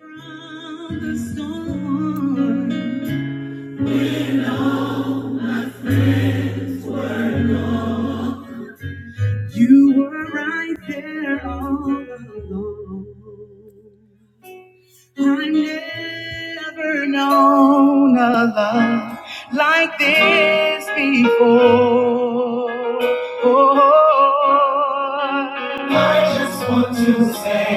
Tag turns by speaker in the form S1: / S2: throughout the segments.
S1: Around the storm, you were right there all along. I've never known a love like this before. I just say,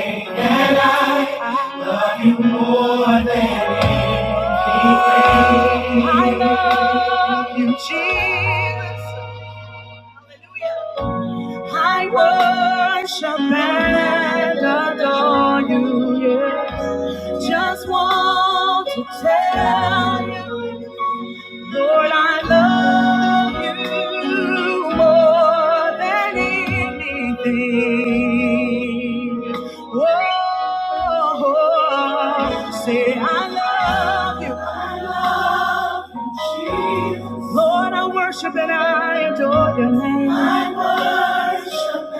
S1: I love you, Jesus. Hallelujah. I worship and adore you. Yeah. Just want to tell you, Lord, I love you more than anything. Oh, say I love you. Lord, I worship and I adore your name. I worship.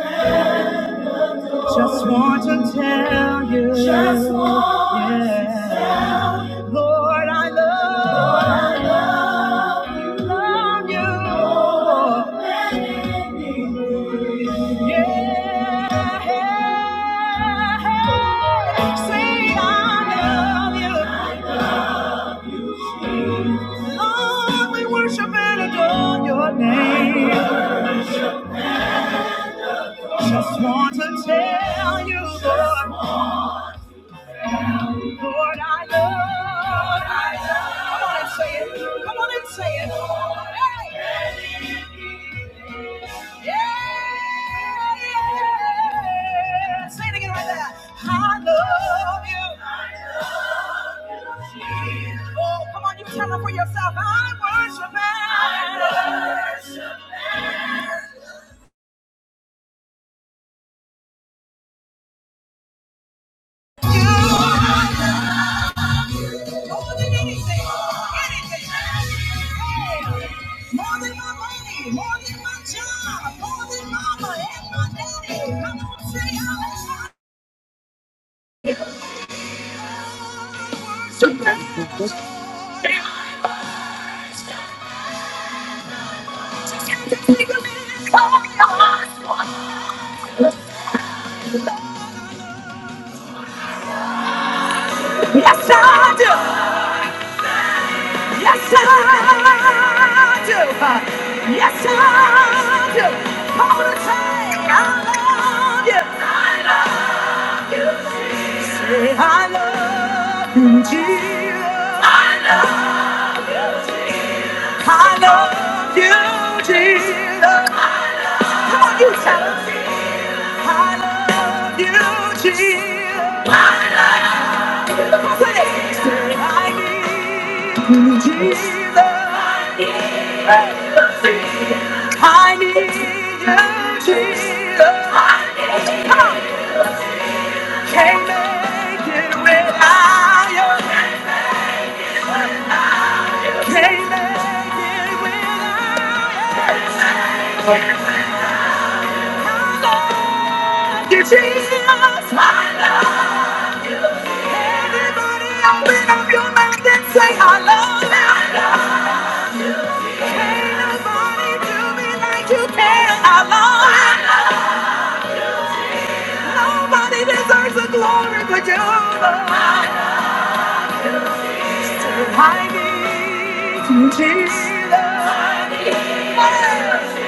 S1: you. Just want to tell you. Just want to yeah. tell you. Lord, I love. Lord, I love you. Love you. More than anything. Yeah. Say I love you. I Lord, we worship and adore your name. Just want to tell you, Lord. Lord, I love. Lord, I love. Come on and say it. Come on and say it. Lord, Hey. Yeah. yeah. Say it again right there. I love you. I love you, Jesus. Oh, come on, you tell them for yourself. I worship and- I worship you. More than anything, anything. Hey, more than my money, more than my job, more than mama and my daddy. Come on, say hallelujah. Yes, I do. Yes, I do. Yes, I do. Come on and say, I love you. I love you, Jesus. I love you, Jesus. Come on, you tell 'em. I love you, Jesus. I need you, Jesus. I need you, Jesus. I can't make it without you. I can't make it without you. I love you, Jesus. I love you. everybody. Open up your mouth and say, I love you. I love you. Can't nobody do me like you can. I love you. Nobody deserves the glory but you, Lord. I need you, Jesus. I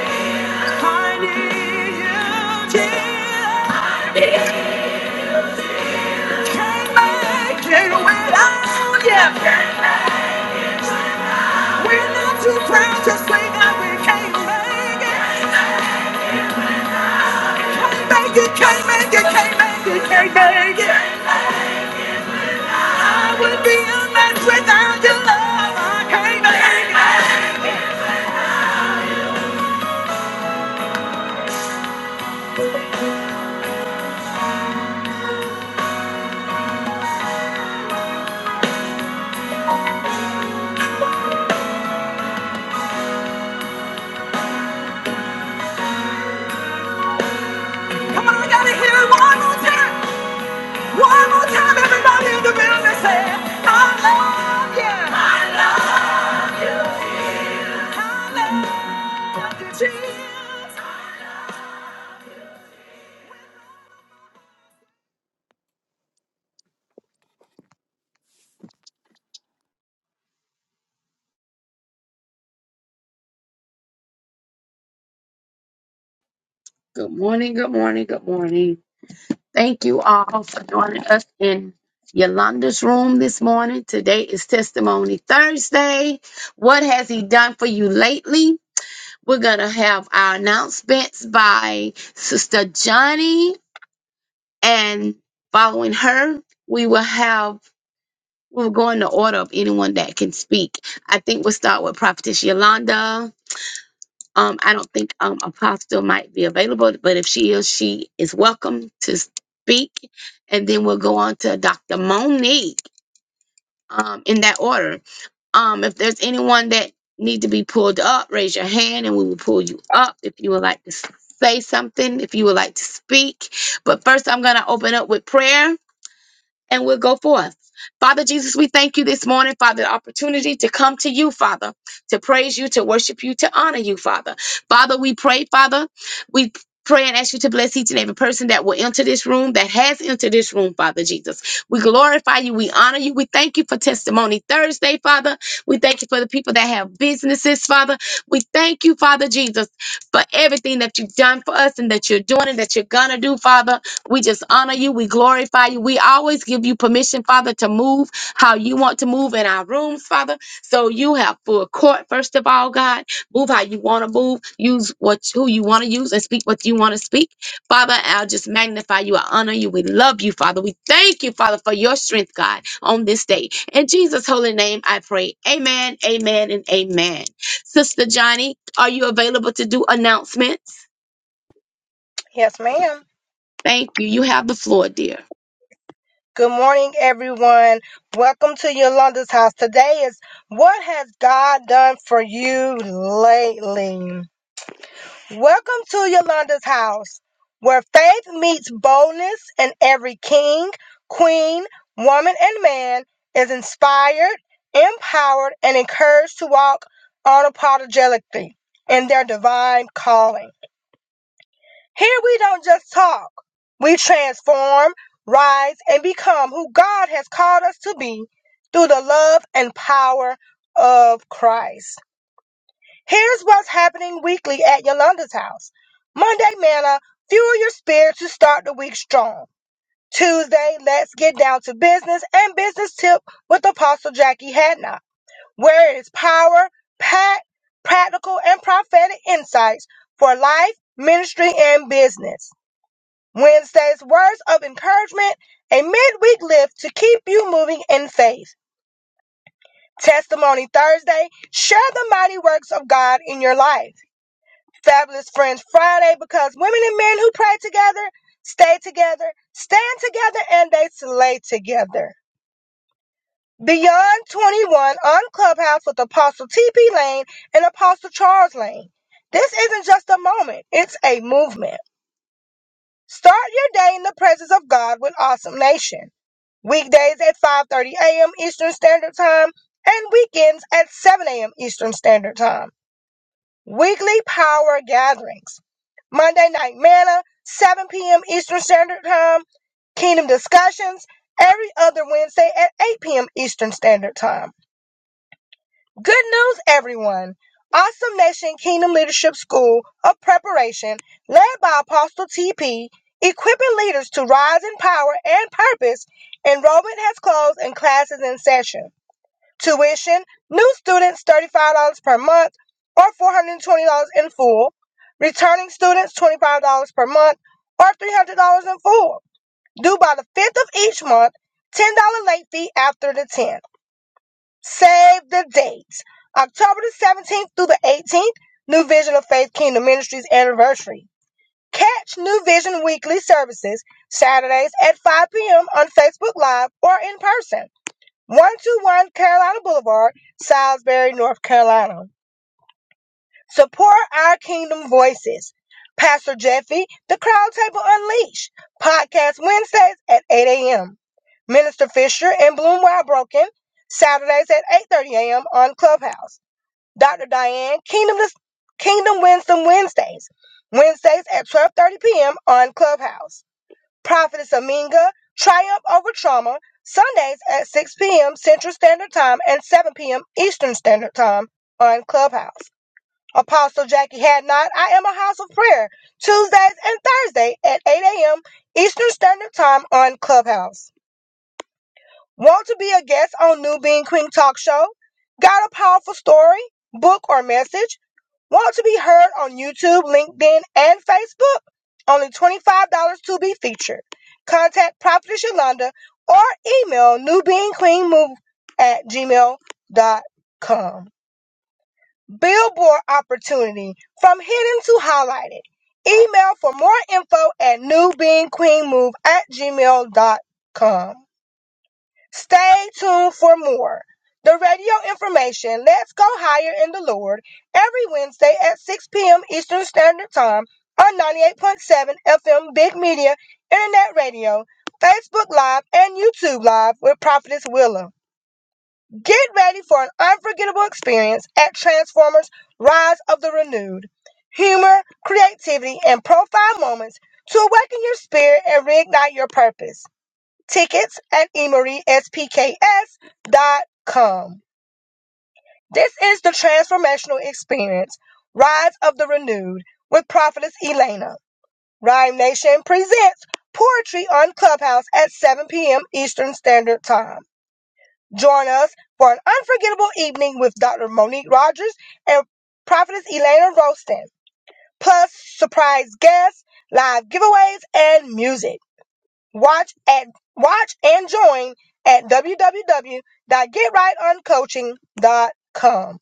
S1: need you, Jesus. Can't make it without you. We're not too proud to say that we can't make it. Can't make it, can't make it, can't make it, can't make it. I would be a mess without your love. I can't make it. Come on, I gotta hear it one more time. One more time, everybody in the building say, I love you. I love you, Jesus.
S2: Good morning, good morning, good morning. Thank you all for joining us in Yolanda's room this morning. Today is Testimony Thursday. What has he done for you lately? We're going to have our announcements by Sister Johnny, and following her, we will have. We'll go in the order of anyone that can speak. I think we'll start with Prophetess Yolanda. Um, I don't think um, Apostle might be available, but if she is, she is welcome to speak. And then we'll go on to Dr. Monique um, in that order. Um, if there's anyone that need to be pulled up, raise your hand and we will pull you up if you would like to s- say something, if you would like to speak. But first, I'm going to open up with prayer and we'll go forth. Father Jesus, we thank you this morning, Father, the opportunity to come to you, Father, to praise you, to worship you, to honor you, Father. Father, we pray, Father, we pray and ask you to bless each and every person that will enter this room, that has entered this room, Father Jesus. We glorify you, we honor you, we thank you for Testimony Thursday, Father. We thank you for the people that have businesses, Father. We thank you, Father Jesus, for everything that you've done for us and that you're doing and that you're gonna do, Father. We just honor you. We glorify you. We always give you permission, Father, to move how you want to move in our rooms, Father. So you have full court, first of all, God. Move how you want to move. Use what who you want to use and speak what you want to speak. Father, I'll just magnify you. I honor you. We love you, Father. We thank you, Father, for your strength, God, on this day. In Jesus' holy name, I pray. Amen, amen, and amen. Sister Johnny, are you available to do announcements?
S3: Yes, ma'am.
S2: Thank you. You have the floor, dear.
S3: Good morning, everyone. Welcome to Yolanda's house. Today is What Has God Done for You Lately? Welcome to Yolanda's house, where faith meets boldness, and every king, queen, woman, and man is inspired, empowered, and encouraged to walk unapologetically in their divine calling. Here we don't just talk. We transform, rise, and become who God has called us to be through the love and power of Christ. Here's what's happening weekly at Yolanda's house. Monday, manna, fuel your spirit to start the week strong. Tuesday, let's get down to business and business tip with Apostle Jackie Hadnot, where it is power, packed, practical, and prophetic insights for life, ministry, and business. Wednesday's words of encouragement, a midweek lift to keep you moving in faith. Testimony Thursday, share the mighty works of God in your life. Fabulous Friends Friday, because women and men who pray together, stay together, stand together, and they slay together. Beyond 21 on Clubhouse with Apostle T.P. Lane and Apostle Charles Lane. This isn't just a moment, it's a movement. Start your day in the presence of God with Awesome Nation. weekdays at 5:30 a.m. Eastern Standard Time and weekends at 7 a.m. Eastern Standard Time. Weekly power gatherings. Monday night manna 7 p.m. Eastern Standard Time. Kingdom discussions every other Wednesday at 8 p.m. Eastern Standard Time. Good news, everyone. Awesome Nation Kingdom Leadership School of Preparation, led by Apostle TP, equipping leaders to rise in power and purpose. Enrollment has closed and classes in session. Tuition, new students $35 per month or $420 in full. Returning students $25 per month or $300 in full. Due by the 5th of each month, $10 late fee after the 10th. Save the dates. October the 17th through the 18th, New Vision of Faith Kingdom Ministries anniversary. Catch New Vision weekly services Saturdays at 5 p.m. on Facebook Live or in person. 121 Carolina Boulevard, Salisbury, North Carolina. Support our kingdom voices. Pastor Jeffy, The Crowd Table Unleashed, podcast Wednesdays at 8 a.m. Minister Fisher and Bloom Wild Broken, Saturdays at 8.30 a.m. on Clubhouse. Dr. Diane Kingdom Kingdom Wisdom Wednesdays. Wednesdays at 12:30 p.m. on Clubhouse. Prophetess Aminga Triumph Over Trauma Sundays at 6 p.m. Central Standard Time and 7 p.m. Eastern Standard Time on Clubhouse. Apostle Jackie Hadnot, I am a house of prayer. Tuesdays and Thursdays at 8 a.m. Eastern Standard Time on Clubhouse. Want to be a guest on New Being Queen Talk Show? Got a powerful story, book, or message? Want to be heard on YouTube, LinkedIn, and Facebook? Only $25 to be featured. Contact Prophetess Yolanda or email newbeingcleanmove at gmail dot com. Billboard opportunity from hidden to highlighted. Email for more info at newbeingqueenmove at gmail dot com. Stay tuned for more. The radio information, Let's Go Higher in the Lord, every Wednesday at 6 p.m. Eastern Standard Time on 98.7 FM Big Media, Internet Radio, Facebook Live, and YouTube Live with Prophetess Willow. Get ready for an unforgettable experience at Transformers Rise of the Renewed. Humor, creativity, and profile moments to awaken your spirit and reignite your purpose tickets at emory s p k s dot com. This is the transformational experience, Rise of the Renewed, with Prophetess Elena. Rhyme Nation presents poetry on Clubhouse at 7 p.m. Eastern Standard Time. Join us for an unforgettable evening with Dr. Monique Rogers and Prophetess Elena Rostan, plus surprise guests, live giveaways, and music. Watch at watch and join at www.getrightoncoaching.com.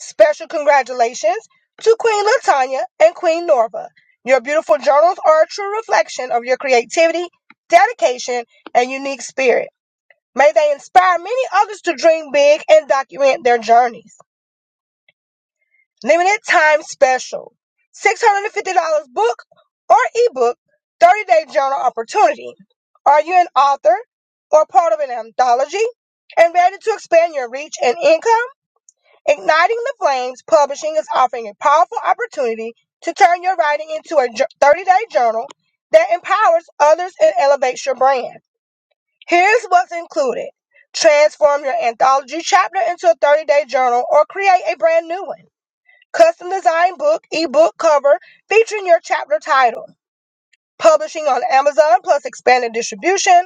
S3: Special congratulations to Queen Latanya and Queen Norva. Your beautiful journals are a true reflection of your creativity, dedication, and unique spirit. May they inspire many others to dream big and document their journeys. Limited time special. $650 book or ebook, 30 day journal opportunity. Are you an author or part of an anthology and ready to expand your reach and income? Igniting the Flames Publishing is offering a powerful opportunity to turn your writing into a 30 day journal that empowers others and elevates your brand. Here's what's included. Transform your anthology chapter into a 30 day journal or create a brand new one custom design book, ebook cover featuring your chapter title, publishing on Amazon plus expanded distribution,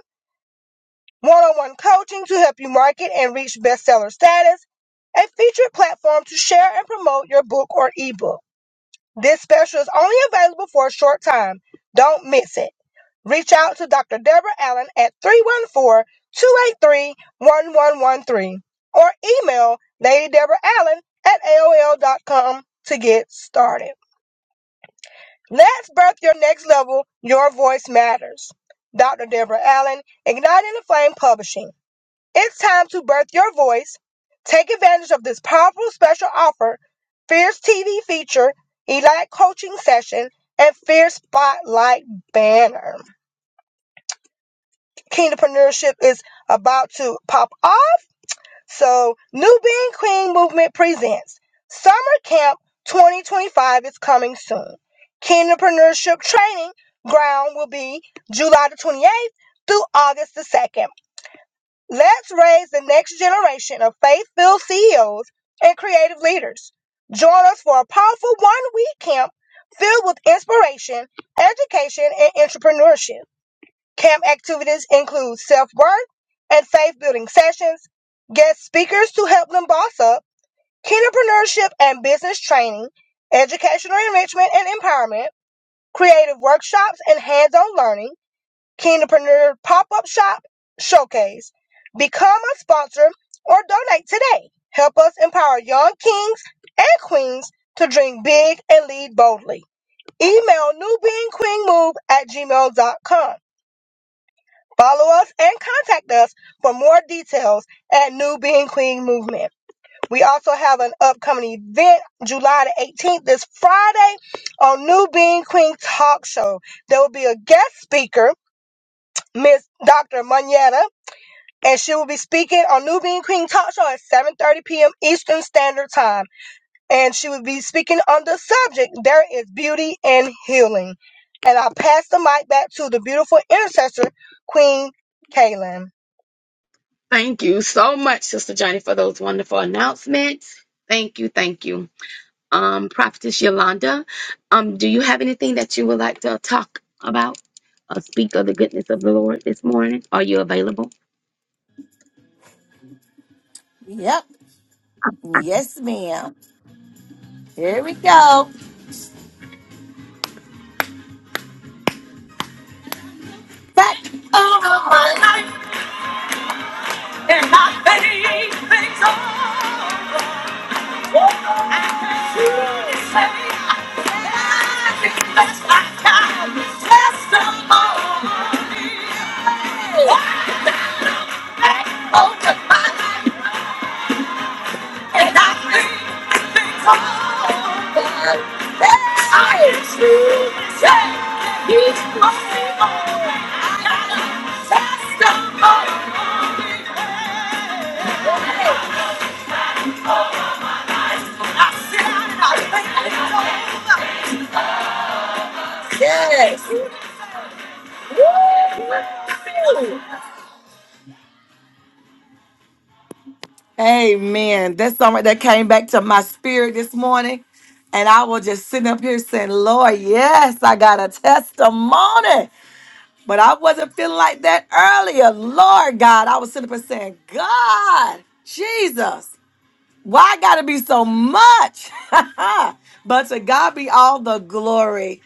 S3: one on one coaching to help you market and reach bestseller status, a featured platform to share and promote your book or ebook. This special is only available for a short time. Don't miss it. Reach out to Dr. Deborah Allen at 314 283 1113 or email Lady Deborah Allen at A O L dot com to get started. Let's birth your next level. Your voice matters. Dr. Deborah Allen, Igniting the Flame Publishing. It's time to birth your voice. Take advantage of this powerful special offer, Fierce TV feature, Elite Coaching Session, and Fierce Spotlight Banner. Kingdompreneurship is about to pop off so, New Being Queen Movement presents Summer Camp 2025 is coming soon. Entrepreneurship training ground will be July the 28th through August the 2nd. Let's raise the next generation of faith-filled CEOs and creative leaders. Join us for a powerful one-week camp filled with inspiration, education, and entrepreneurship. Camp activities include self-worth and faith-building sessions, guest speakers to help them boss up, entrepreneurship and business training, educational enrichment and empowerment, creative workshops and hands-on learning, entrepreneur pop-up shop showcase. Become a sponsor or donate today. Help us empower young kings and queens to dream big and lead boldly. Email newbeingqueenmove at gmail.com. Follow us and contact us for more details at New Being Queen Movement. We also have an upcoming event July the 18th, this Friday, on New Being Queen Talk Show. There will be a guest speaker, Miss Dr. Manetta, and she will be speaking on New Being Queen Talk Show at 7.30 p.m. Eastern Standard Time. And she will be speaking on the subject, There is Beauty in Healing. And I'll pass the mic back to the beautiful intercessor, Queen Kaylin.
S2: Thank you so much, Sister Johnny, for those wonderful announcements. Thank you, thank you. Um, Prophetess Yolanda, um, do you have anything that you would like to talk about or speak of the goodness of the Lord this morning? Are you available?
S1: Yep. Yes, ma'am. Here we go. Back over my life. Woo! I can truly say that I think that's my time. Testimony. Woo! Back over my life. Yes. Woo. Amen. That's something that came back to my spirit this morning. And I was just sitting up here saying, Lord, yes, I got a testimony. But I wasn't feeling like that earlier. Lord God, I was sitting up and saying, God, Jesus, why I gotta be so much? but to God be all the glory.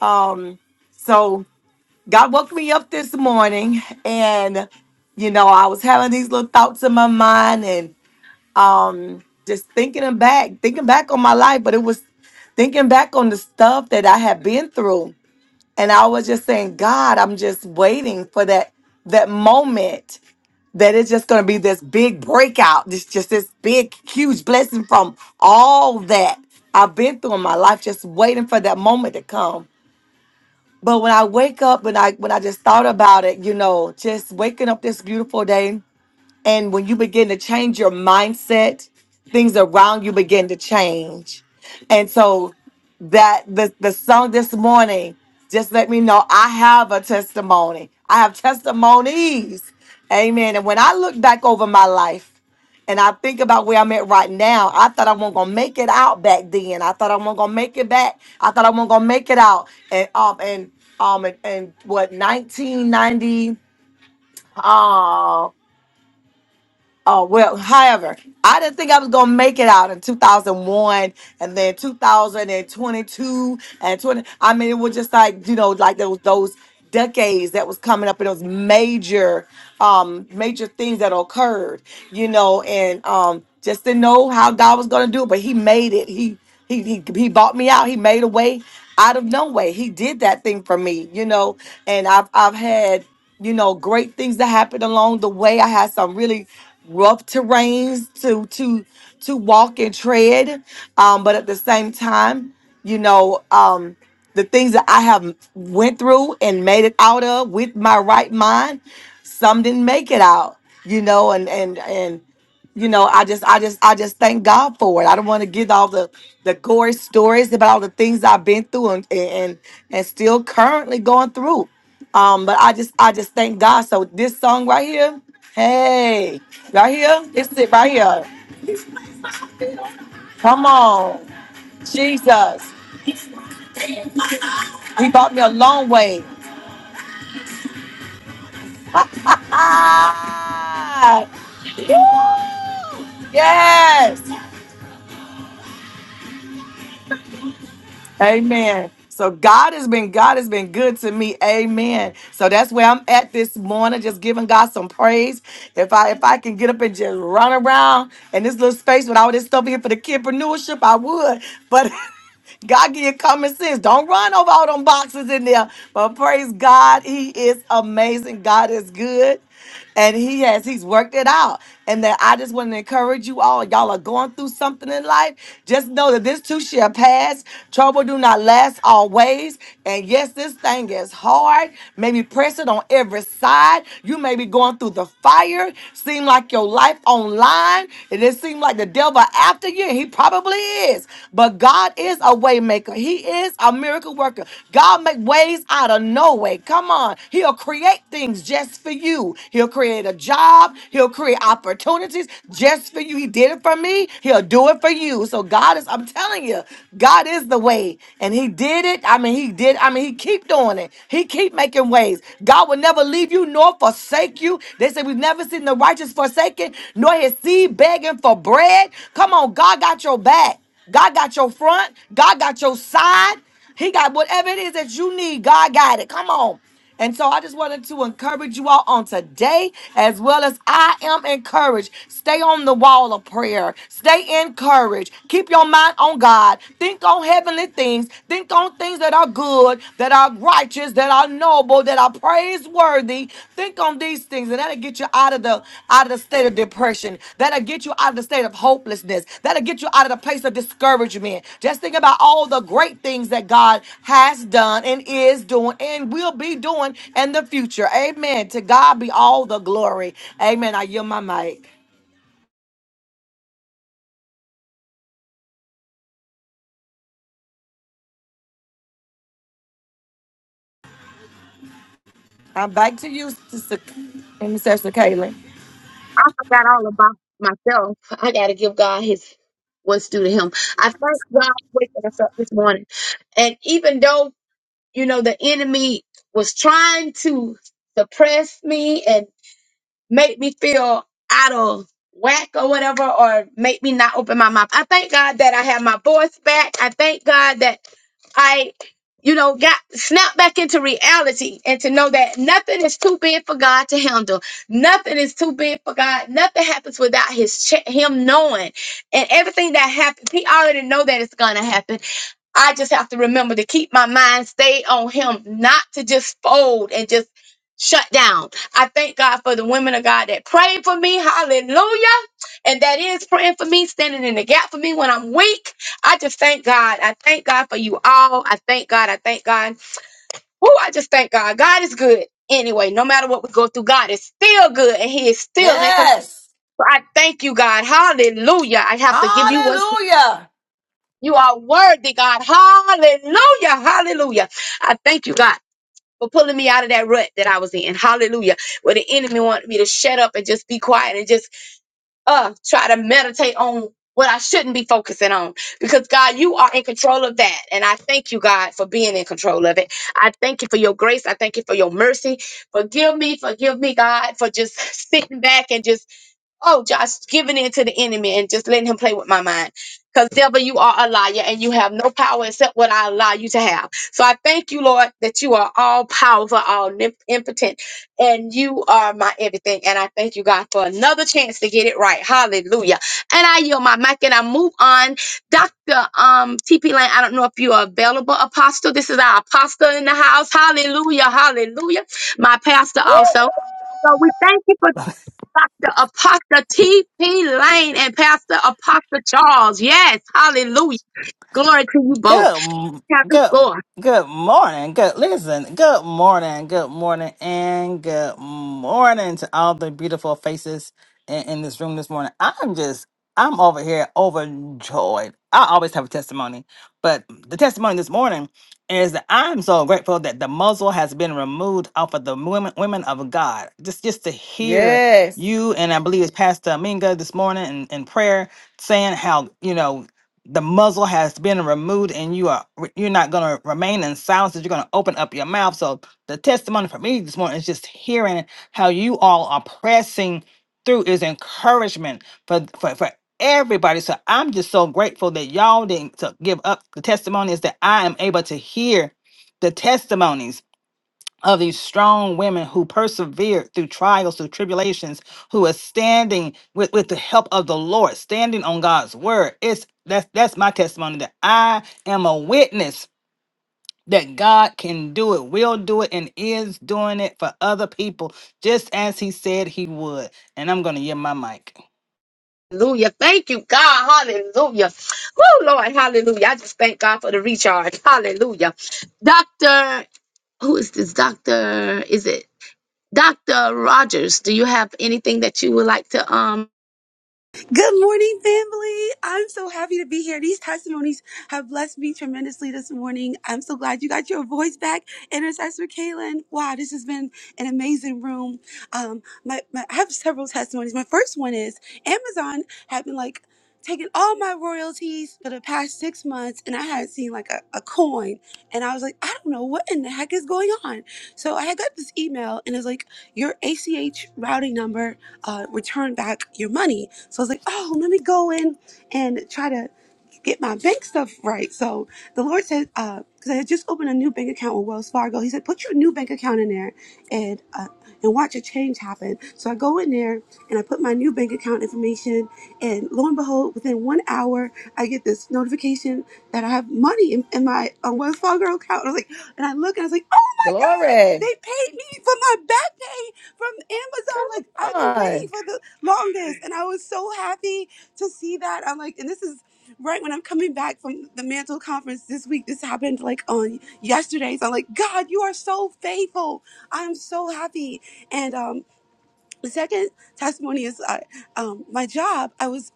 S1: Um, so God woke me up this morning and you know, I was having these little thoughts in my mind and um just thinking back, thinking back on my life, but it was thinking back on the stuff that I had been through and I was just saying, God, I'm just waiting for that that moment that it's just going to be this big breakout. This just this big huge blessing from all that I've been through in my life just waiting for that moment to come. But when I wake up and I when I just thought about it, you know, just waking up this beautiful day and when you begin to change your mindset, things around you begin to change. And so that the, the song this morning just let me know I have a testimony. I have testimonies. Amen. And when I look back over my life, and I think about where I'm at right now. I thought I wasn't gonna make it out back then. I thought I wasn't gonna make it back. I thought I wasn't gonna make it out. And um and um and, and what 1990 um Oh well, however, I didn't think I was gonna make it out in 2001 and then 2022 and twenty-two and 20. I mean, it was just like you know, like those those decades that was coming up and those major, um, major things that occurred, you know, and um, just didn't know how God was gonna do it, but He made it. He he he he bought me out. He made a way out of no way. He did that thing for me, you know, and I've I've had you know, great things that happened along the way. I had some really rough terrains to to to walk and tread. Um, but at the same time, you know, um, the things that I have went through and made it out of with my right mind, some didn't make it out, you know, and and and you know, I just, I just, I just thank God for it. I don't want to give all the the gory stories about all the things I've been through and and and still currently going through. Um, but I just, I just thank God. So this song right here, hey, right here, this it right here. Come on, Jesus, He brought me a long way. Ah, yes, Amen. So God has been God has been good to me. Amen. So that's where I'm at this morning, just giving God some praise. If I if I can get up and just run around in this little space with all this stuff here for the kidpreneurship, I would. But God give you common sense. Don't run over all them boxes in there. But praise God, He is amazing. God is good and he has he's worked it out and that i just want to encourage you all y'all are going through something in life just know that this too shall pass trouble do not last always and yes this thing is hard maybe press it on every side you may be going through the fire seem like your life online and it seems like the devil after you and he probably is but god is a waymaker maker. He is a miracle worker. God make ways out of no way. Come on. He'll create things just for you. He'll create a job. He'll create opportunities just for you. He did it for me. He'll do it for you. So God is, I'm telling you, God is the way. And he did it. I mean, he did. I mean, he keep doing it. He keep making ways. God will never leave you nor forsake you. They say we've never seen the righteous forsaken, nor his seed begging for bread. Come on, God got your back. God got your front. God got your side. He got whatever it is that you need. God got it. Come on. And so I just wanted to encourage you all on today, as well as I am encouraged. Stay on the wall of prayer. Stay encouraged. Keep your mind on God. Think on heavenly things. Think on things that are good, that are righteous, that are noble that are praiseworthy think on these things and that'll get you out of the out of the state of depression that'll get you out of the state of hopelessness that'll get you out of the place of discouragement just think about all the great things that god has done and is doing and will be doing in the future amen to god be all the glory amen i yield my mic i'm back to you sister and sister Kaylin.
S2: I forgot all about myself. I gotta give God his what's due to him. I thank God for waking us up this morning. And even though, you know, the enemy was trying to suppress me make me feel out of whack or whatever, or make me not open my mouth. I thank God that I have my voice back. I thank God that I, you know, got snapped back into reality and to know that nothing is too big for God to handle. Nothing is too big for God. Nothing happens without His che- Him knowing, and everything that happens, He already know that it's gonna happen. I just have to remember to keep my mind stayed on him, not to just fold and just shut down. I thank God for the women of God that pray for me. Hallelujah. And that is praying for me, standing in the gap for me when I'm weak. I just thank God. I thank God for you all. I thank God. I thank God. Oh, I just thank God. God is good. Anyway, no matter what we go through, God is still good and He is still in control.
S1: Yes.
S2: I thank you, God. Hallelujah. I have to give you what's
S1: Hallelujah.
S2: you are worthy, God. Hallelujah. Hallelujah. I thank you, God, for pulling me out of that rut that I was in. Hallelujah. Where the enemy wanted me to shut up and just be quiet and just uh try to meditate on what I shouldn't be focusing on. Because God, you are in control of that. And I thank you, God, for being in control of it. I thank you for your grace. I thank you for your mercy. Forgive me, forgive me, God, for just sitting back and just Oh, just giving in to the enemy and just letting him play with my mind. Because, devil, you are a liar and you have no power except what I allow you to have. So I thank you, Lord, that you are all powerful, all nip- impotent, and you are my everything. And I thank you, God, for another chance to get it right. Hallelujah. And I yield my mic and I move on. Dr. Um, TP Lane, I don't know if you are available, Apostle. This is our apostle in the house. Hallelujah. Hallelujah. My pastor also. So we thank you for Dr. Apostle T.P. Lane and Pastor Apostle Charles. Yes, hallelujah. Glory to you both.
S4: Good, m-
S2: Have the
S4: good,
S2: floor.
S4: good morning. Good, listen. Good morning. Good morning, and good morning to all the beautiful faces in, in this room this morning. I'm just, I'm over here overjoyed. I always have a testimony, but the testimony this morning is that I'm so grateful that the muzzle has been removed off of the women, women of God. Just, just to hear
S1: yes
S4: you and I believe it's Pastor Aminga this morning in, in prayer saying how you know the muzzle has been removed and you are you're not going to remain in silence that you're going to open up your mouth so the testimony for me this morning is just hearing how you all are pressing through is encouragement for for, for everybody so i'm just so grateful that y'all didn't to give up the testimony is that i am able to hear the testimonies of these strong women who persevered through trials, through tribulations, who are standing with, with the help of the Lord, standing on God's word. It's that's that's my testimony that I am a witness that God can do it, will do it, and is doing it for other people, just as He said He would. And I'm gonna yield my mic.
S2: Hallelujah. Thank you, God. Hallelujah. Woo, Lord. Hallelujah. I just thank God for the recharge. Hallelujah. Doctor, who is this? Doctor, is it Dr. Rogers? Do you have anything that you would like to, um,
S5: Good morning, family. I'm so happy to be here. These testimonies have blessed me tremendously this morning. I'm so glad you got your voice back, Intercessor Kaylin. Wow, this has been an amazing room. Um, my, my, I have several testimonies. My first one is Amazon had been like taking all my royalties for the past six months, and I hadn't seen like a, a coin. And I was like, I don't know what in the heck is going on. So I had got this email, and it's like, your ACH routing number uh, return back your money. So I was like, oh, let me go in and try to get my bank stuff right. So the Lord said, because I had just opened a new bank account with Wells Fargo, He said, put your new bank account in there and uh, and watch a change happen. So I go in there and I put my new bank account information, and lo and behold, within one hour, I get this notification that I have money in, in my uh, Wells Fargo account. And I was like, and I look and I was like.
S1: glory
S5: They paid me for my back pay from
S1: Come
S5: Amazon. Like I've been waiting
S1: on.
S5: for the longest, and I was so happy to see that. I'm like, and this is right when I'm coming back from the Mantle conference this week. This happened like on yesterday. So I'm like, God, you are so faithful. I'm so happy. And um, the second testimony is uh, um, my job. I was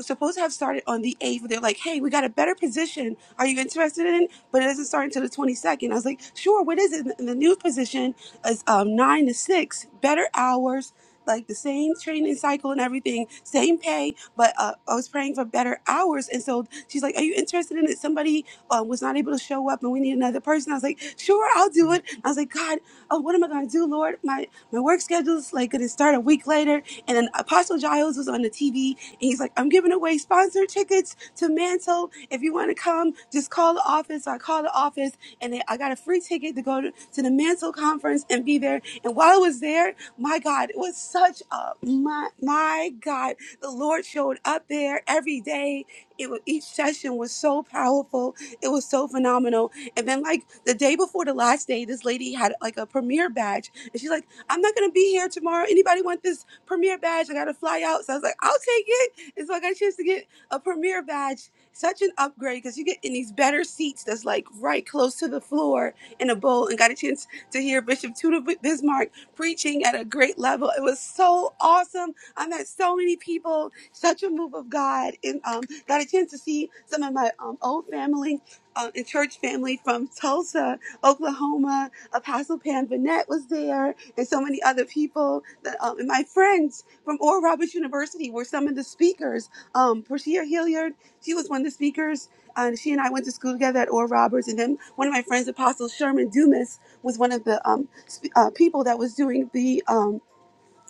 S5: supposed to have started on the 8th. They're like, hey, we got a better position. Are you interested in it? But it doesn't start until the 22nd. I was like, sure, what is it? And the new position is um, 9 to 6, better hours, like the same training cycle and everything, same pay, but uh, I was praying for better hours. And so she's like, are you interested in it? Somebody um, was not able to show up and we need another person. I was like, sure, I'll do it. I was like, God, oh, what am I going to do, Lord? My my work schedule's like going to start a week later. And then Apostle Giles was on the TV, and he's like, I'm giving away sponsored tickets to Mantle. If you want to come, just call the office. So I called the office, and they, I got a free ticket to go to, to the Mantle conference and be there. And while I was there, my God, it was such a my my God, the Lord showed up there every day. It was, each session was so powerful it was so phenomenal. And then like the day before the last day, this lady had like a premiere badge, and she's like, "I'm not gonna be here tomorrow. Anybody want this premiere badge? I gotta fly out." So I was like, "I'll take it." And so I got a chance to get a premiere badge. Such an upgrade because you get in these better seats that's like right close to the floor in a bowl, and got a chance to hear Bishop Tudor Bismarck preaching at a great level. It was so awesome. I met so many people. Such a major move of God and um, got a chance to see some of my um, old family uh, and church family from Tulsa, Oklahoma. Apostle Pam Vanette was there and so many other people. That, um, and my friends from Oral Roberts University were some of the speakers. Um, Portia Hilliard, she was one of the speakers. And she and I went to school together at Oral Roberts. And then one of my friends, Apostle Sherman Dumas, was one of the um, sp- uh, people that was doing the um,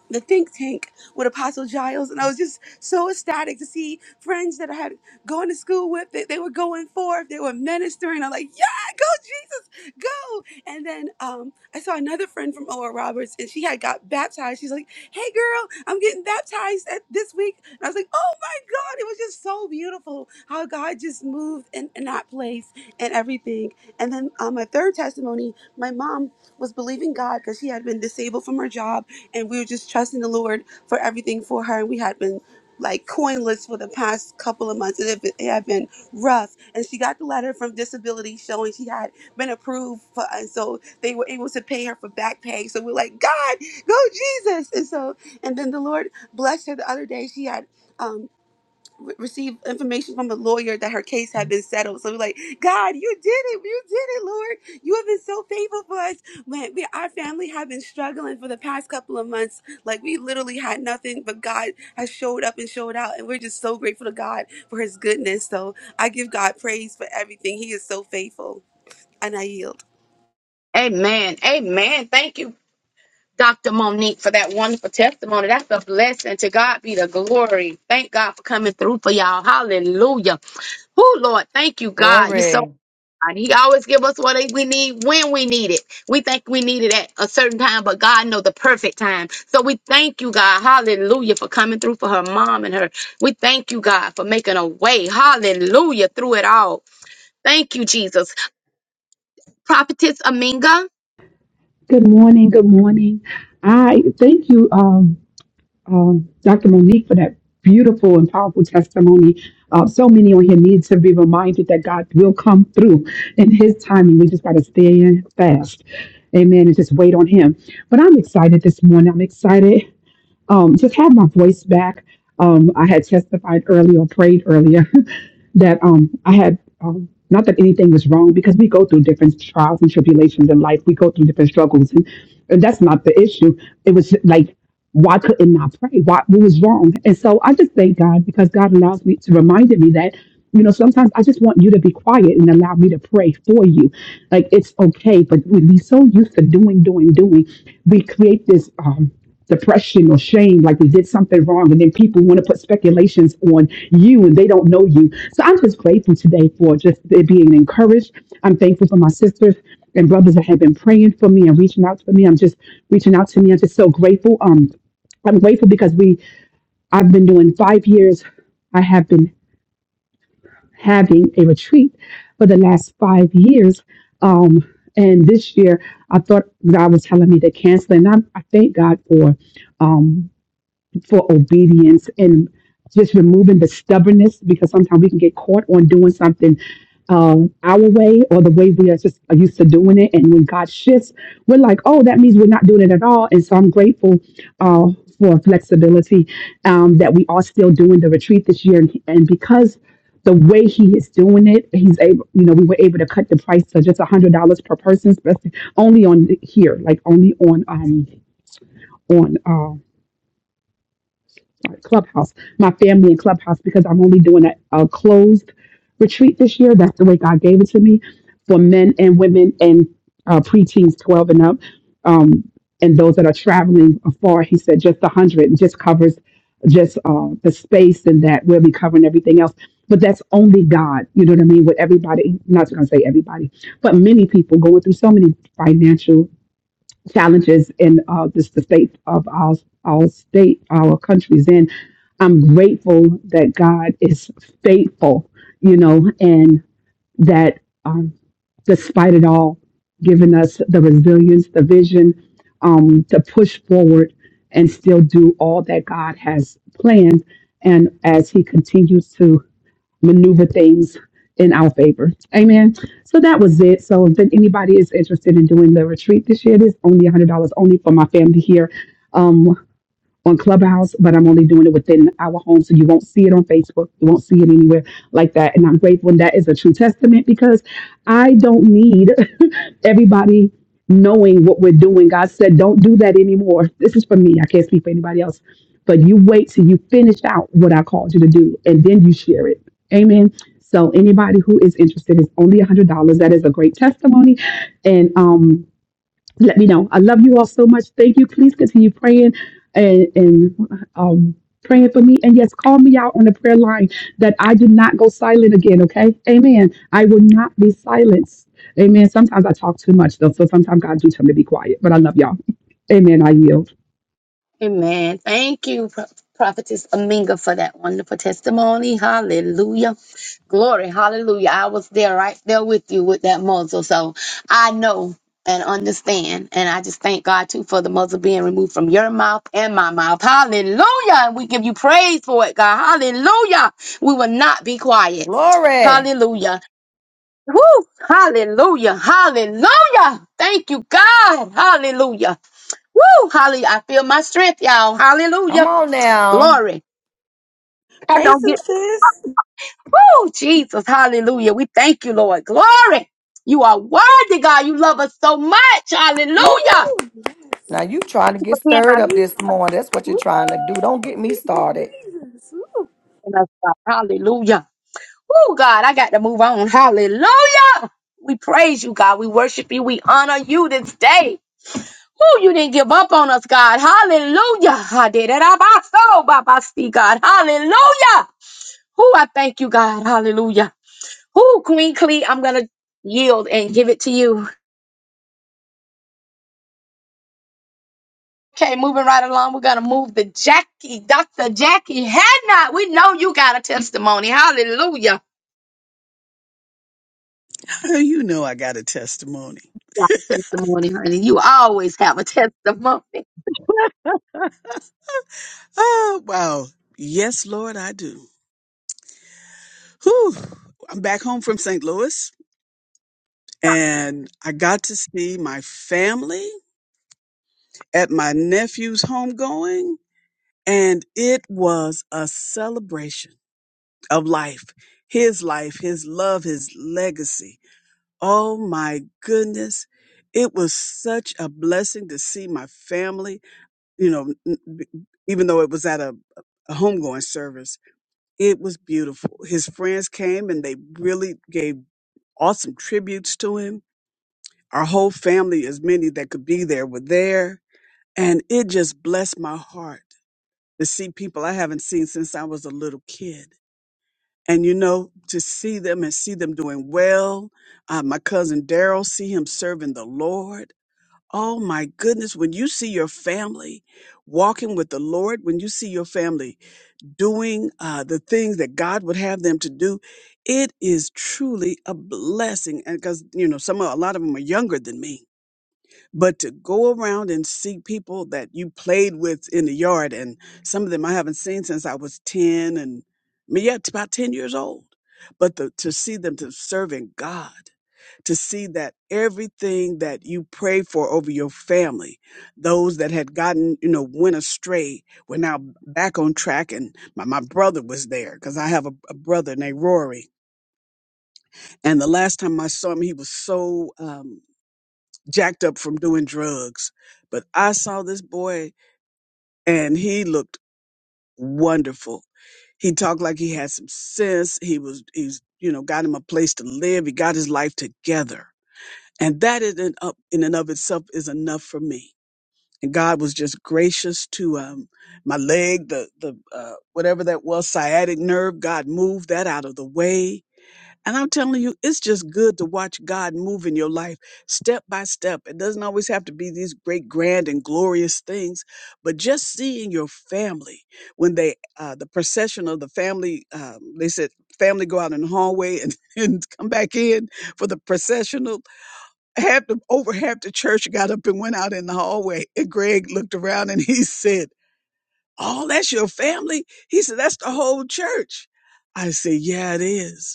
S5: the think tank with Apostle Giles, and I was just so ecstatic to see friends that I had going to school with. They, they were going forth, they were ministering. I'm like, yeah, go Jesus, go! And then um, I saw another friend from O.R. Roberts, and she had got baptized. She's like, hey girl, I'm getting baptized at, this week. And I was like, oh my God, it was just so beautiful how God just moved in, in that place and everything. And then um, my third testimony, my mom was believing God because she had been disabled from her job and we were just trusting the Lord for everything for her. And we had been like coinless for the past couple of months. It had been, it had been rough. And she got the letter from disability showing she had been approved for and so they were able to pay her for back pay. So we're like, God, go Jesus. And so and then the Lord blessed her the other day. She had um receive information from a lawyer that her case had been settled. So we're like, God, you did it. You did it, Lord. You have been so faithful for us. When we, our family have been struggling for the past couple of months. Like we literally had nothing, but God has showed up and showed out. And we're just so grateful to God for his goodness. So I give God praise for everything. He is so faithful. And I yield.
S2: amen. Amen. Thank you Dr. Monique for that wonderful testimony. That's a blessing. To God be the glory. Thank God for coming through for y'all. Hallelujah. Oh, Lord, thank you, God. You're so
S1: Glory.
S2: kind. He always give us what we need when we need it. We think we need it at a certain time, but God know the perfect time. So we thank you, God. Hallelujah for coming through for her mom and her. We thank you, God, for making a way. Hallelujah through it all. Thank you, Jesus. Prophetess Aminga.
S6: Good morning. Good morning. I thank you, um, um, Dr. Monique, for that beautiful and powerful testimony. Uh, so many on here need to be reminded that God will come through in His timing. We just got to stay in fast, Amen, and just wait on Him. But I'm excited this morning. I'm excited. Um, just have my voice back. Um, I had testified earlier, or prayed earlier that um I had um not that anything was wrong because we go through different trials and tribulations in life. We go through different struggles and, and that's not the issue. It was like why couldn't I pray? Why what was wrong? And so I just thank God because God allows me to reminded me that, you know, sometimes I just want you to be quiet and allow me to pray for you. Like it's okay, but when we so used to doing, doing, doing, we create this um depression or shame like we did something wrong and then people want to put speculations on you and they don't know you so i'm just grateful today for just it being encouraged i'm thankful for my sisters and brothers that have been praying for me and reaching out for me i'm just reaching out to me i'm just so grateful um I'm grateful because we I've been doing five years. I have been having a retreat for the last five years. Um, and this year I thought God was telling me to cancel, and I, I thank God for. um, for obedience and just removing the stubbornness because sometimes we can get caught on doing something um, our way or the way we are just used to doing it. And when God shifts, we're like, oh, that means we're not doing it at all. And so I'm grateful uh, for flexibility um, that we are still doing the retreat this year. And, and because the way he is doing it, he's able, you know, we were able to cut the price to just $100 per person, spe- only on here, like only on um, on. uh, Clubhouse, my family in Clubhouse, because I'm only doing a, a closed retreat this year. That's the way God gave it to me for men and women and uh, preteens 12 and up. Um, and those that are traveling afar, he said just 100 just covers just uh, the space and that we'll be covering everything else. But that's only God, you know what I mean? With everybody, not going to say everybody, but many people going through so many financial challenges in uh, just the state of our, our state, our countries in. I'm grateful that God is faithful, you know, and that um, despite it all, giving us the resilience, the vision um, to push forward and still do all that God has planned. And as He continues to maneuver things in our favor. Amen. So that was it. So if anybody is interested in doing the retreat this year, it is only $100 only for my family here. Um, on Clubhouse, but I'm only doing it within our home. So you won't see it on Facebook. You won't see it anywhere like that. And I'm grateful. And that is a true testament because I don't need everybody knowing what we're doing. God said, don't do that anymore. This is for me. I can't speak for anybody else. But you wait till you finish out what I called you to do and then you share it. Amen. So anybody who is interested is only $100. That is a great testimony. And um, let me know. I love you all so much. Thank you. Please continue praying and and um praying for me. And yes, call me out on the prayer line that I do not go silent again. Okay. Amen. I will not be silenced. Amen. Sometimes I talk too much though. So sometimes God do tell me to be quiet. But I love y'all. Amen. I yield.
S2: Amen. Thank you, Pro- Prophetess Aminga, for that wonderful testimony. Hallelujah. Glory. Hallelujah. I was there right there with you with that muzzle. So I know and understand. And I just thank God, too, for the muzzle being removed from your mouth and my mouth. Hallelujah. And we give you praise for it, God. Hallelujah. We will not be quiet.
S1: Glory.
S2: Hallelujah. Woo! Hallelujah. Hallelujah. Thank you, God. Hallelujah. Woo! Hallelujah. I feel my strength, y'all.
S1: Come
S2: Hallelujah.
S1: on now.
S2: Glory. I
S5: Praise
S2: don't
S5: him,
S2: get
S5: sis.
S2: woo, Jesus. Hallelujah. We thank you, Lord. Glory. You are worthy, God. You love us so much. Hallelujah.
S5: Woo!
S1: Now
S5: Yes.
S1: you trying to get
S2: For being
S1: stirred up
S5: Jesus.
S1: this morning. That's what you're
S5: Woo!
S1: trying to do. Don't get me
S5: Thank you,
S1: started.
S5: Jesus. Woo!
S2: our us, God. Hallelujah. Woo, God, I got to move on. Hallelujah. We praise you, God. We worship you. We honor you this day. Woo, you didn't give up on us, God. Hallelujah. I did it. I soul, God. Hallelujah. Who I thank you, God. Hallelujah. Who, Queen Clee, I'm gonna yield and give it to you. Okay, moving right along, we're gonna move the Jackie, Dr. Jackie Hadnot. We know you got a testimony. Hallelujah.
S7: Oh, You know I got a testimony.
S2: Got a testimony, honey. You always have a testimony.
S7: Oh, wow. Yes, Lord, I do. Whew. I'm back home from St. Louis and I got to see my family at my nephew's homegoing and it was a celebration of life, his life, his love, his legacy. Oh my goodness. It was such a blessing to see my family, you know, n- b- even though it was at a, a homegoing service It was beautiful. His friends came and they really gave awesome tributes to him. Our whole family, as many that could be there, were there. And it just blessed my heart to see people I haven't seen since I was a little kid. And you know, to see them and see them doing well. Uh, my cousin Daryl, see him serving the Lord. Oh my goodness, when you see your family walking with the Lord, when you see your family doing uh, the things that God would have them to do, it is truly a blessing. And because you know, some a lot of them are younger than me, but to go around and see people that you played with in the yard and some of them i haven't seen since i was 10 and I mean, yeah it's about 10 years old but the, to see them to serving god to see that everything that you prayed for over your family those that had gotten you know went astray were now back on track and my, my brother was there because i have a, a brother named rory and the last time i saw him he was so um, jacked up from doing drugs. But I saw this boy and he looked wonderful. He talked like he had some sense. He was, he's, you know, got him a place to live. He got his life together. And that in and up in and of itself is enough for me. And God was just gracious to um, my leg, the the uh, whatever that was, sciatic nerve. God moved that out of the way and I'm telling you, it's just good to watch God move in your life step by step. It doesn't always have to be these great, grand, and glorious things, but just seeing your family when they, uh, the procession of the family, um, they said family go out in the hallway and, and come back in for the processional. Half the, over half the church got up and went out in the hallway. And Greg looked around and he said, Oh, that's your family? He said, That's the whole church. I said, Yeah, it is.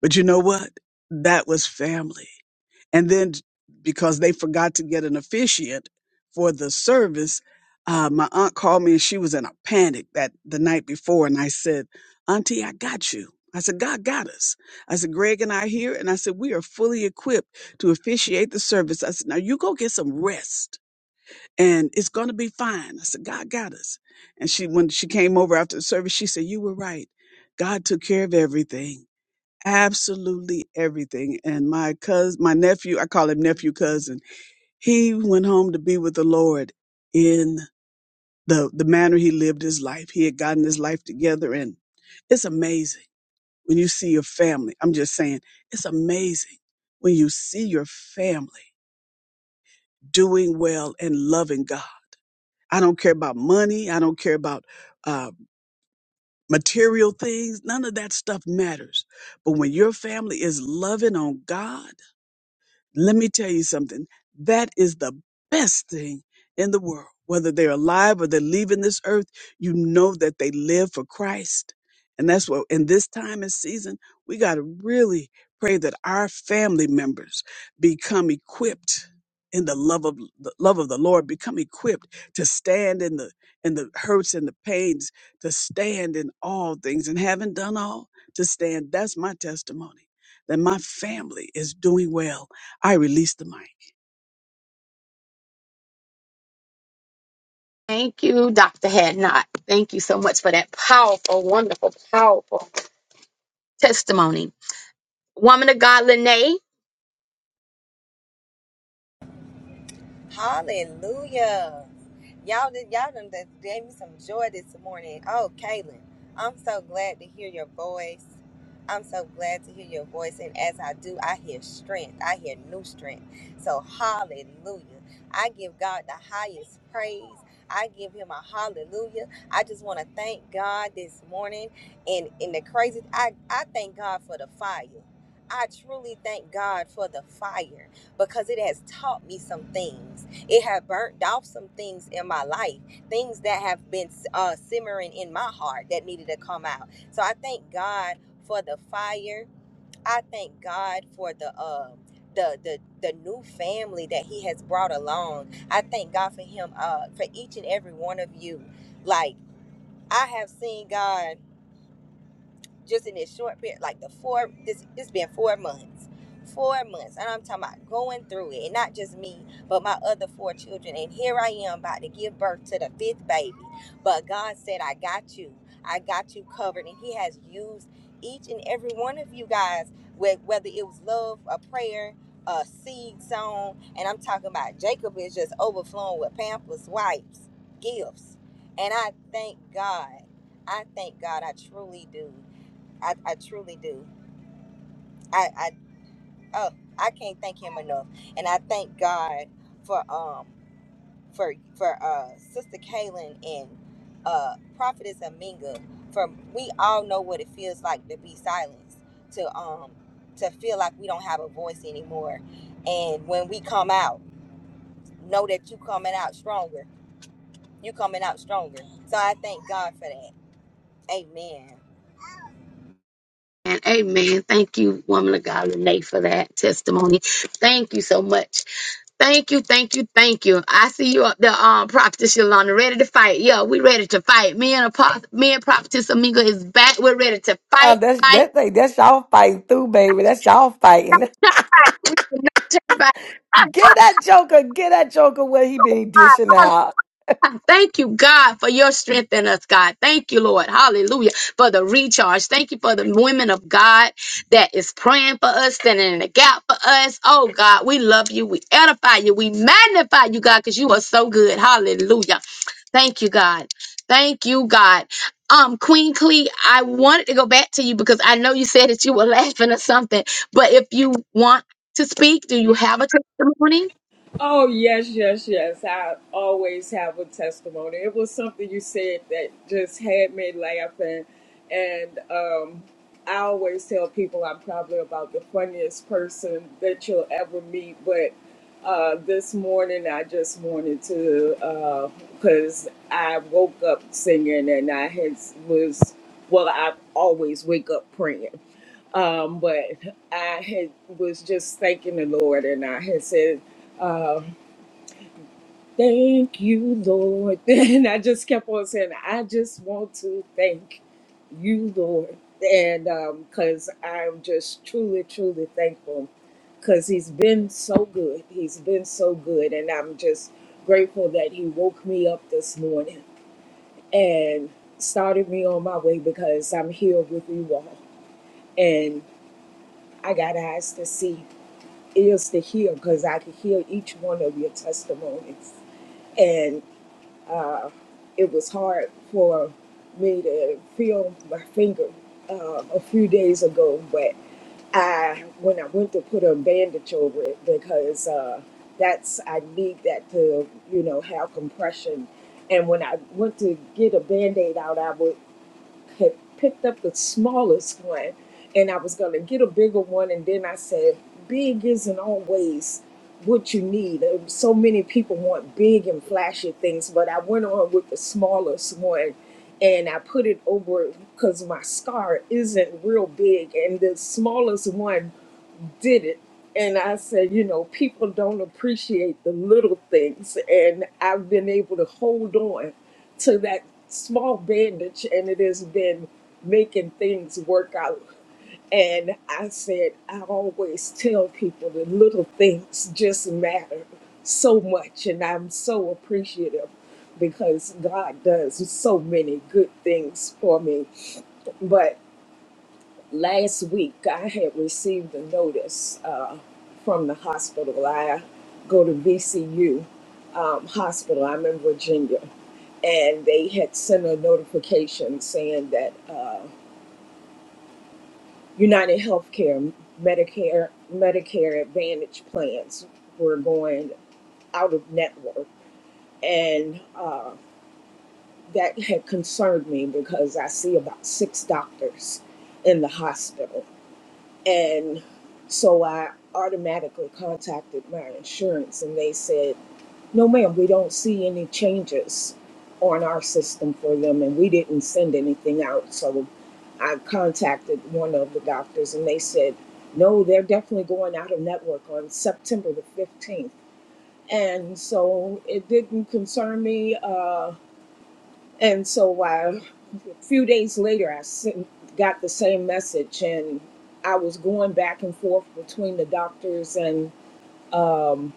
S7: But you know what? That was family. And then because they forgot to get an officiant for the service, uh, my aunt called me and she was in a panic that the night before. And I said, Auntie, I got you. I said, God got us. I said, Greg and I are here. And I said, we are fully equipped to officiate the service. I said, now you go get some rest and it's going to be fine. I said, God got us. And she, when she came over after the service, she said, you were right. God took care of everything absolutely everything. And my cousin, my nephew, I call him nephew cousin, he went home to be with the Lord in the, the manner he lived his life. He had gotten his life together and it's amazing when you see your family. I'm just saying, it's amazing when you see your family doing well and loving God. I don't care about money. I don't care about uh, material things. None of that stuff matters. But when your family is loving on God, Let me tell you something. That is the best thing in the world. Whether they're alive or they're leaving this earth, you know that they live for Christ. And that's what in this time and season, we got to really pray that our family members become equipped in the love of the love of the Lord, become equipped to stand in the in the hurts and the pains, to stand in all things and having done all to stand. That's my testimony that my family is doing well I release the mic.
S2: Thank you, Dr. Hadnot. Thank you so much for that powerful, wonderful, powerful testimony. Woman of God, Lene.
S8: Hallelujah. Y'all did y'all done just gave me some joy this morning. Oh, Kaylin, I'm so glad to hear your voice. I'm so glad to hear your voice. And as I do, I hear strength. I hear new strength. So hallelujah. I give God the highest praise. I give him a hallelujah. I just want to thank God this morning. And in the crazy, I, I thank God for the fire. I truly thank God for the fire because it has taught me some things. It has burnt off some things in my life, things that have been uh, simmering in my heart that needed to come out. So I thank God for the fire. I thank God for the uh, the the the new family that He has brought along. I thank God for Him uh, for each and every one of you. Like I have seen God just in this short period, like the four, this it's been four months, four months, and I'm talking about going through it, and not just me, but my other four children. And here I am about to give birth to the fifth baby, but God said, "I got you, I got you covered," and He has used each and every one of you guys, wh- whether it was love, a prayer. A seed sown, and I'm talking about Jacob is just overflowing with pampers, wipes, gifts, and I thank God. I thank God. I truly do I, I truly do. I, I oh I can't thank him enough, and I thank God for um for for uh Sister Kaylin and uh Prophetess Aminga. For we all know what it feels like to be silenced, to um to feel like we don't have a voice anymore, and when we come out, know that you coming out stronger. You coming out stronger. So I thank God for that. Amen.
S2: And amen. Thank you, woman of God, Renee, for that testimony. Thank you so much. Thank you, thank you, thank you. I see you up there, um, Prophetess Yolanda, ready to fight. Yeah, we ready to fight. Me and Apostle, me and Prophetess Amiga is back. We're ready to
S1: Uh,
S2: fight,
S1: that's
S2: fight,
S1: that thing. That's y'all fighting through, baby. That's y'all fighting.
S2: fight.
S1: Get that joker. Get that joker where he been dishing out.
S2: I Thank you, God, for your strength in us, God. Thank you, Lord. Hallelujah. For the recharge. Thank you for the women of God that is praying for us, standing in the gap for us. Oh, God, we love you. We edify you. We magnify you, God, because you are so good. Hallelujah. Thank you, God. Thank you, God. Um, Queen Clee, I wanted to go back to you because I know you said that you were laughing or something, but if you want to speak, do you have a testimony?
S9: Oh, yes, yes, yes. I always have a testimony. It was something you said that just had me laughing. And um, I always tell people I'm probably about the funniest person that you'll ever meet. But uh, this morning, I just wanted to, because I woke up singing and I had was, well, I always wake up praying. Um, but I had was just thanking the Lord and I had said, uh, Thank you, Lord. And I just kept on saying, I just want to thank you, Lord. And because I'm just truly, truly thankful because he's been so good. He's been so good. And I'm just grateful that he woke me up this morning and started me on my way because I'm here with you all. And I got eyes to see, ears to hear because I can hear each one of your testimonies uh, it was hard for me to feel my finger uh, a few days ago, but I when I went to put a bandage over it because uh, that's I need that to you know have compression. And when I went to get a band-aid out, I was had picked up the smallest one and I was going to get a bigger one. And then I said, big isn't always what you need. Uh, So many people want big and flashy things, but I went on with the smallest one and I put it over because my scar isn't real big. And the smallest one did it. And I said, you know, people don't appreciate the little things. And I've been able to hold on to that small bandage, and it has been making things work out. And I said, I always tell people the little things just matter so much. And I'm so appreciative because God does so many good things for me. But last week I had received a notice uh, from the hospital. I go to VCU um, hospital. I'm in Virginia, and they had sent a notification saying that uh, United Healthcare, Medicare, Medicare Advantage plans were going out of network, and uh, that had concerned me because I see about six doctors in the hospital And so I automatically contacted my insurance and they said, no, ma'am, we don't see any changes on our system for them and we didn't send anything out. So I contacted one of the doctors and they said, no, they're definitely going out of network on September the fifteenth." And so it didn't concern me. Uh, and so I few days later, I sent, got the same message, and I was going back and forth between the doctors and um,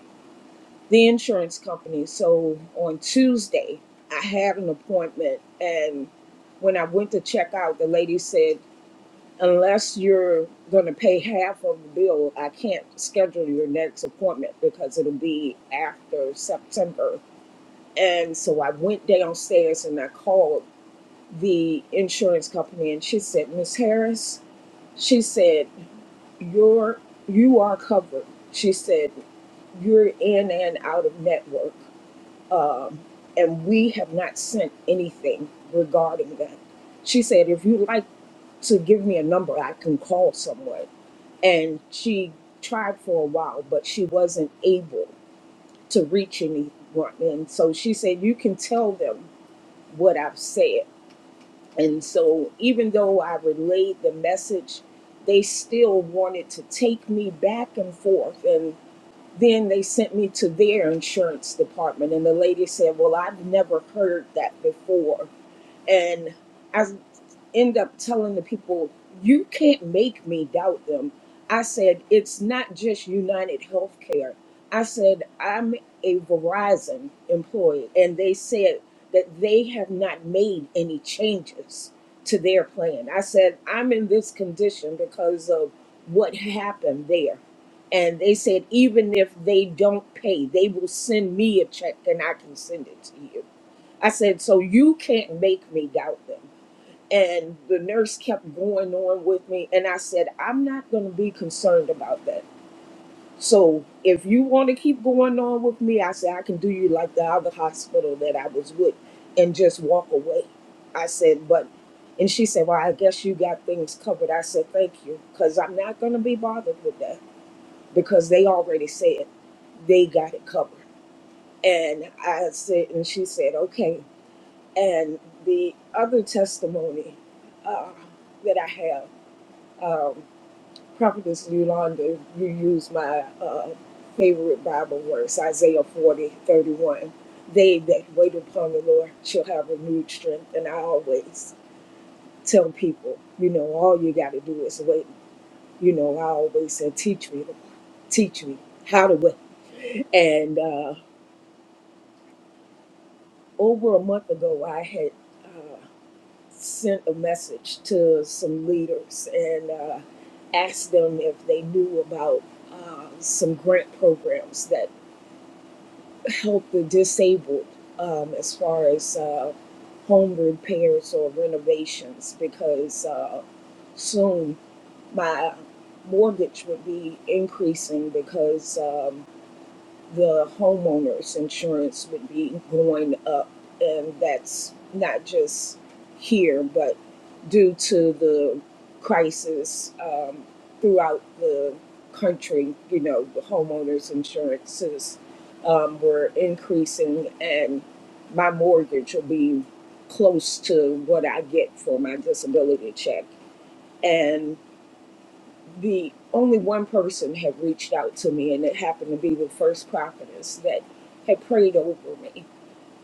S9: the insurance company. So on Tuesday, I had an appointment, and when I went to check out, the lady said, Unless you're going to pay half of the bill, I can't schedule your next appointment because it'll be after September. And so I went downstairs and I called the insurance company and she said, Miss Harris, she said, You're you are covered. She said, You're in and out of network. Um, and we have not sent anything regarding that. She said, If you'd like to give me a number, I can call someone. And she tried for a while, but she wasn't able to reach anyone. And so she said, You can tell them what I've said. And so, even though I relayed the message, they still wanted to take me back and forth. And then they sent me to their insurance department. And the lady said, Well, I've never heard that before. And I end up telling the people, you can't make me doubt them. I said, it's not just United Healthcare. I said, I'm a Verizon employee. And they said that they have not made any changes to their plan. I said, I'm in this condition because of what happened there. And they said, even if they don't pay, they will send me a check and I can send it to you. I said, so you can't make me doubt them. And the nurse kept going on with me. And I said, I'm not going to be concerned about that. So if you want to keep going on with me, I said, I can do you like the other hospital that I was with and just walk away. I said, but, and she said, well, I guess you got things covered. I said, thank you, because I'm not going to be bothered with that because they already said they got it covered. And I said, and she said, okay. And the other testimony uh, that I have, um, Prophetess Yolanda, you use my uh, favorite Bible verse, Isaiah 40 31. They that wait upon the Lord shall have renewed strength. And I always tell people, you know, all you got to do is wait. You know, I always say, teach me, teach me how to wait. And uh, over a month ago, I had. uh, sent a message to some leaders and uh, asked them if they knew about uh, some grant programs that help the disabled um, as far as uh, home repairs or renovations because uh, soon my mortgage would be increasing because. Um, the homeowner's insurance would be going up, and that's not just here, but due to the crisis um, throughout the country, you know, the homeowners' insurances um, were increasing, and my mortgage will be close to what I get for my disability check. And the only one person had reached out to me, and it happened to be the first prophetess that had prayed over me.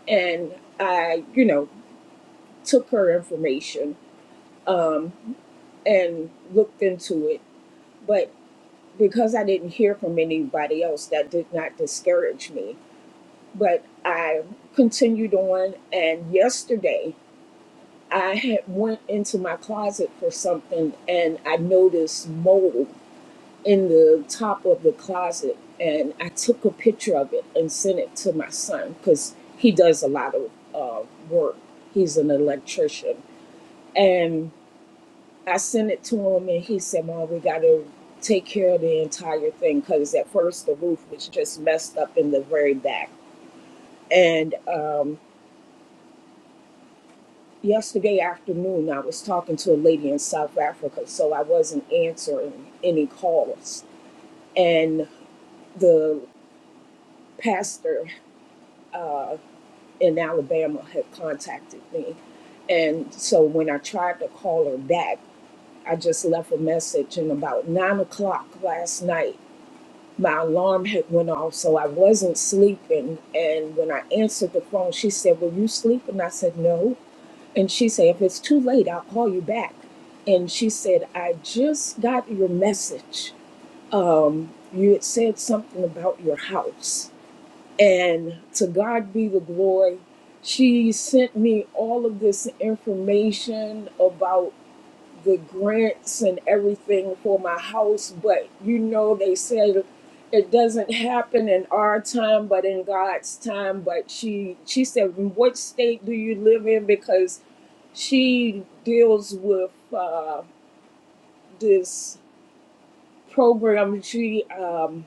S9: And I, you know, took her information um, and looked into it. But because I didn't hear from anybody else, that did not discourage me. But I continued on, and yesterday I had went into my closet for something, and I noticed mold in the top of the closet and I took a picture of it and sent it to my son because he does a lot of uh, work. He's an electrician. And I sent it to him and he said, Mom, we got to take care of the entire thing because at first the roof was just messed up in the very back. And um, yesterday afternoon, I was talking to a lady in South Africa, so I wasn't answering any calls. And the pastor, uh, in Alabama had contacted me. And so when I tried to call her back, I just left a message. And about nine o'clock last night, my alarm had went off, so I wasn't sleeping. And when I answered the phone, she said, "Were you sleeping?" I said, "No." And she said, "If it's too late, I'll call you back." And she said, "I just got your message. Um, you had said something about your house." And to God be the glory. She sent me all of this information about the grants and everything for my house. But you know, they said it doesn't happen in our time, but in God's time. But she she said, "What state do you live in?" Because she deals with uh, this program. She um,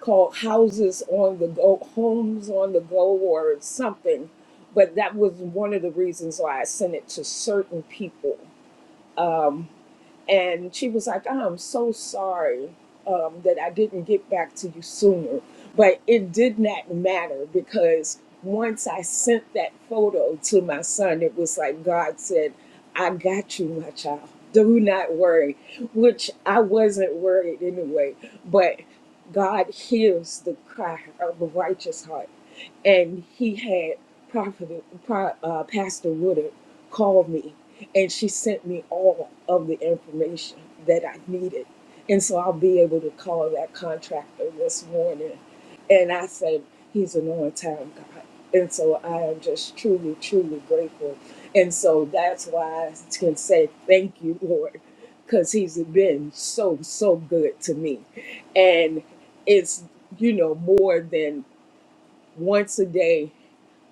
S9: called Houses on the Go, Homes on the Go, or something. But that was one of the reasons why I sent it to certain people. Um, and she was like, "I'm so sorry um, that I didn't get back to you sooner," but it did not matter because once I sent that photo to my son, it was like God said, "I got you, my child. Do not worry," which I wasn't worried anyway, but God hears the cry of a righteous heart and he had Prophet, Pro, uh, Pastor Woodard call me and she sent me all of the information that I needed. And so I'll be able to call that contractor this morning. And I said, He's an on time God. And so I am just truly, truly grateful. And so that's why I can say thank you, Lord, because He's been so, so good to me. And it's, you know, more than once a day,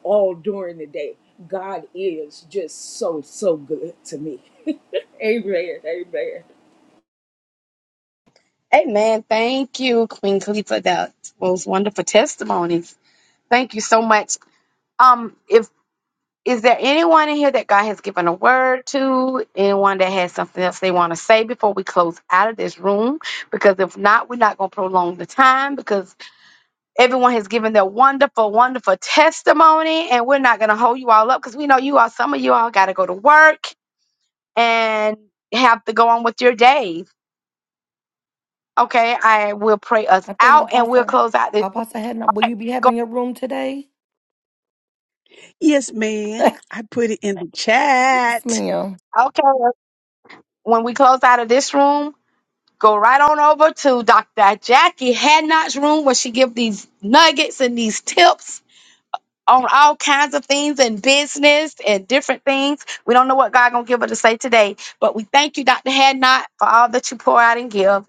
S9: all during the day. God is just so, so good to me. A rated, A rated.
S2: Amen. Thank you, Queen Khalifa. for That was wonderful testimonies. Thank you so much. Um, if is there anyone in here that God has given a word to, anyone that has something else they want to say before we close out of this room? Because if not, we're not going to prolong the time because everyone has given their wonderful, wonderful testimony, and we're not going to hold you all up because we know you all. Some of you all got to go to work and have to go on with your day. Okay, I will pray us
S1: I think
S2: out and we'll
S1: Apostle,
S2: close out this.
S1: Apostle not. will you be
S2: Go,
S1: having your room today?
S7: Yes, ma'am. I put it in the
S1: yes,
S7: chat.
S1: ma'am.
S2: okay, when we close out of this room, go right on over to Dr. Jackie Hadnot's room where she give these nuggets and these tips on all kinds of things and business and different things. We don't know what God gonna give her to say today, but we thank you, Dr. Hadnot, for all that you pour out and give.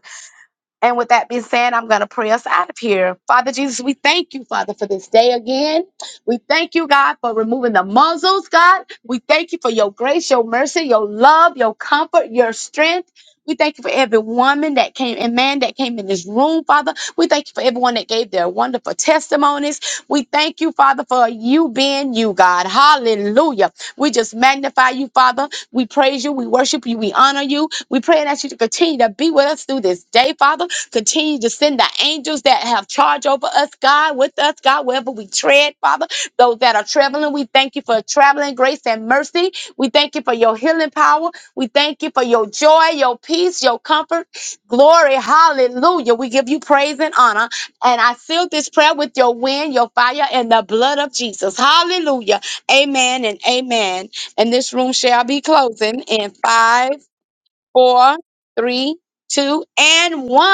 S2: And with that being said, I'm going to pray us out of here. Father Jesus, we thank you, Father, for this day again. We thank you, God, for removing the muzzles, God. We thank you for your grace, your mercy, your love, your comfort, your strength. We thank you for every woman that came and man that came in this room, Father. We thank you for everyone that gave their wonderful testimonies. We thank you, Father, for you being you, God. Hallelujah. We just magnify you, Father. We praise you. We worship you. We honor you. We pray that you to continue to be with us through this day, Father. Continue to send the angels that have charge over us, God, with us, God, wherever we tread, Father. Those that are traveling, we thank you for traveling grace and mercy. We thank you for your healing power. We thank you for your joy, your peace, your comfort. Glory. Hallelujah. We give you praise and honor. And I seal this prayer with your wind, your fire, and the blood of Jesus. Hallelujah. Amen and amen. And this room shall be closing in five, four, three, two, and one.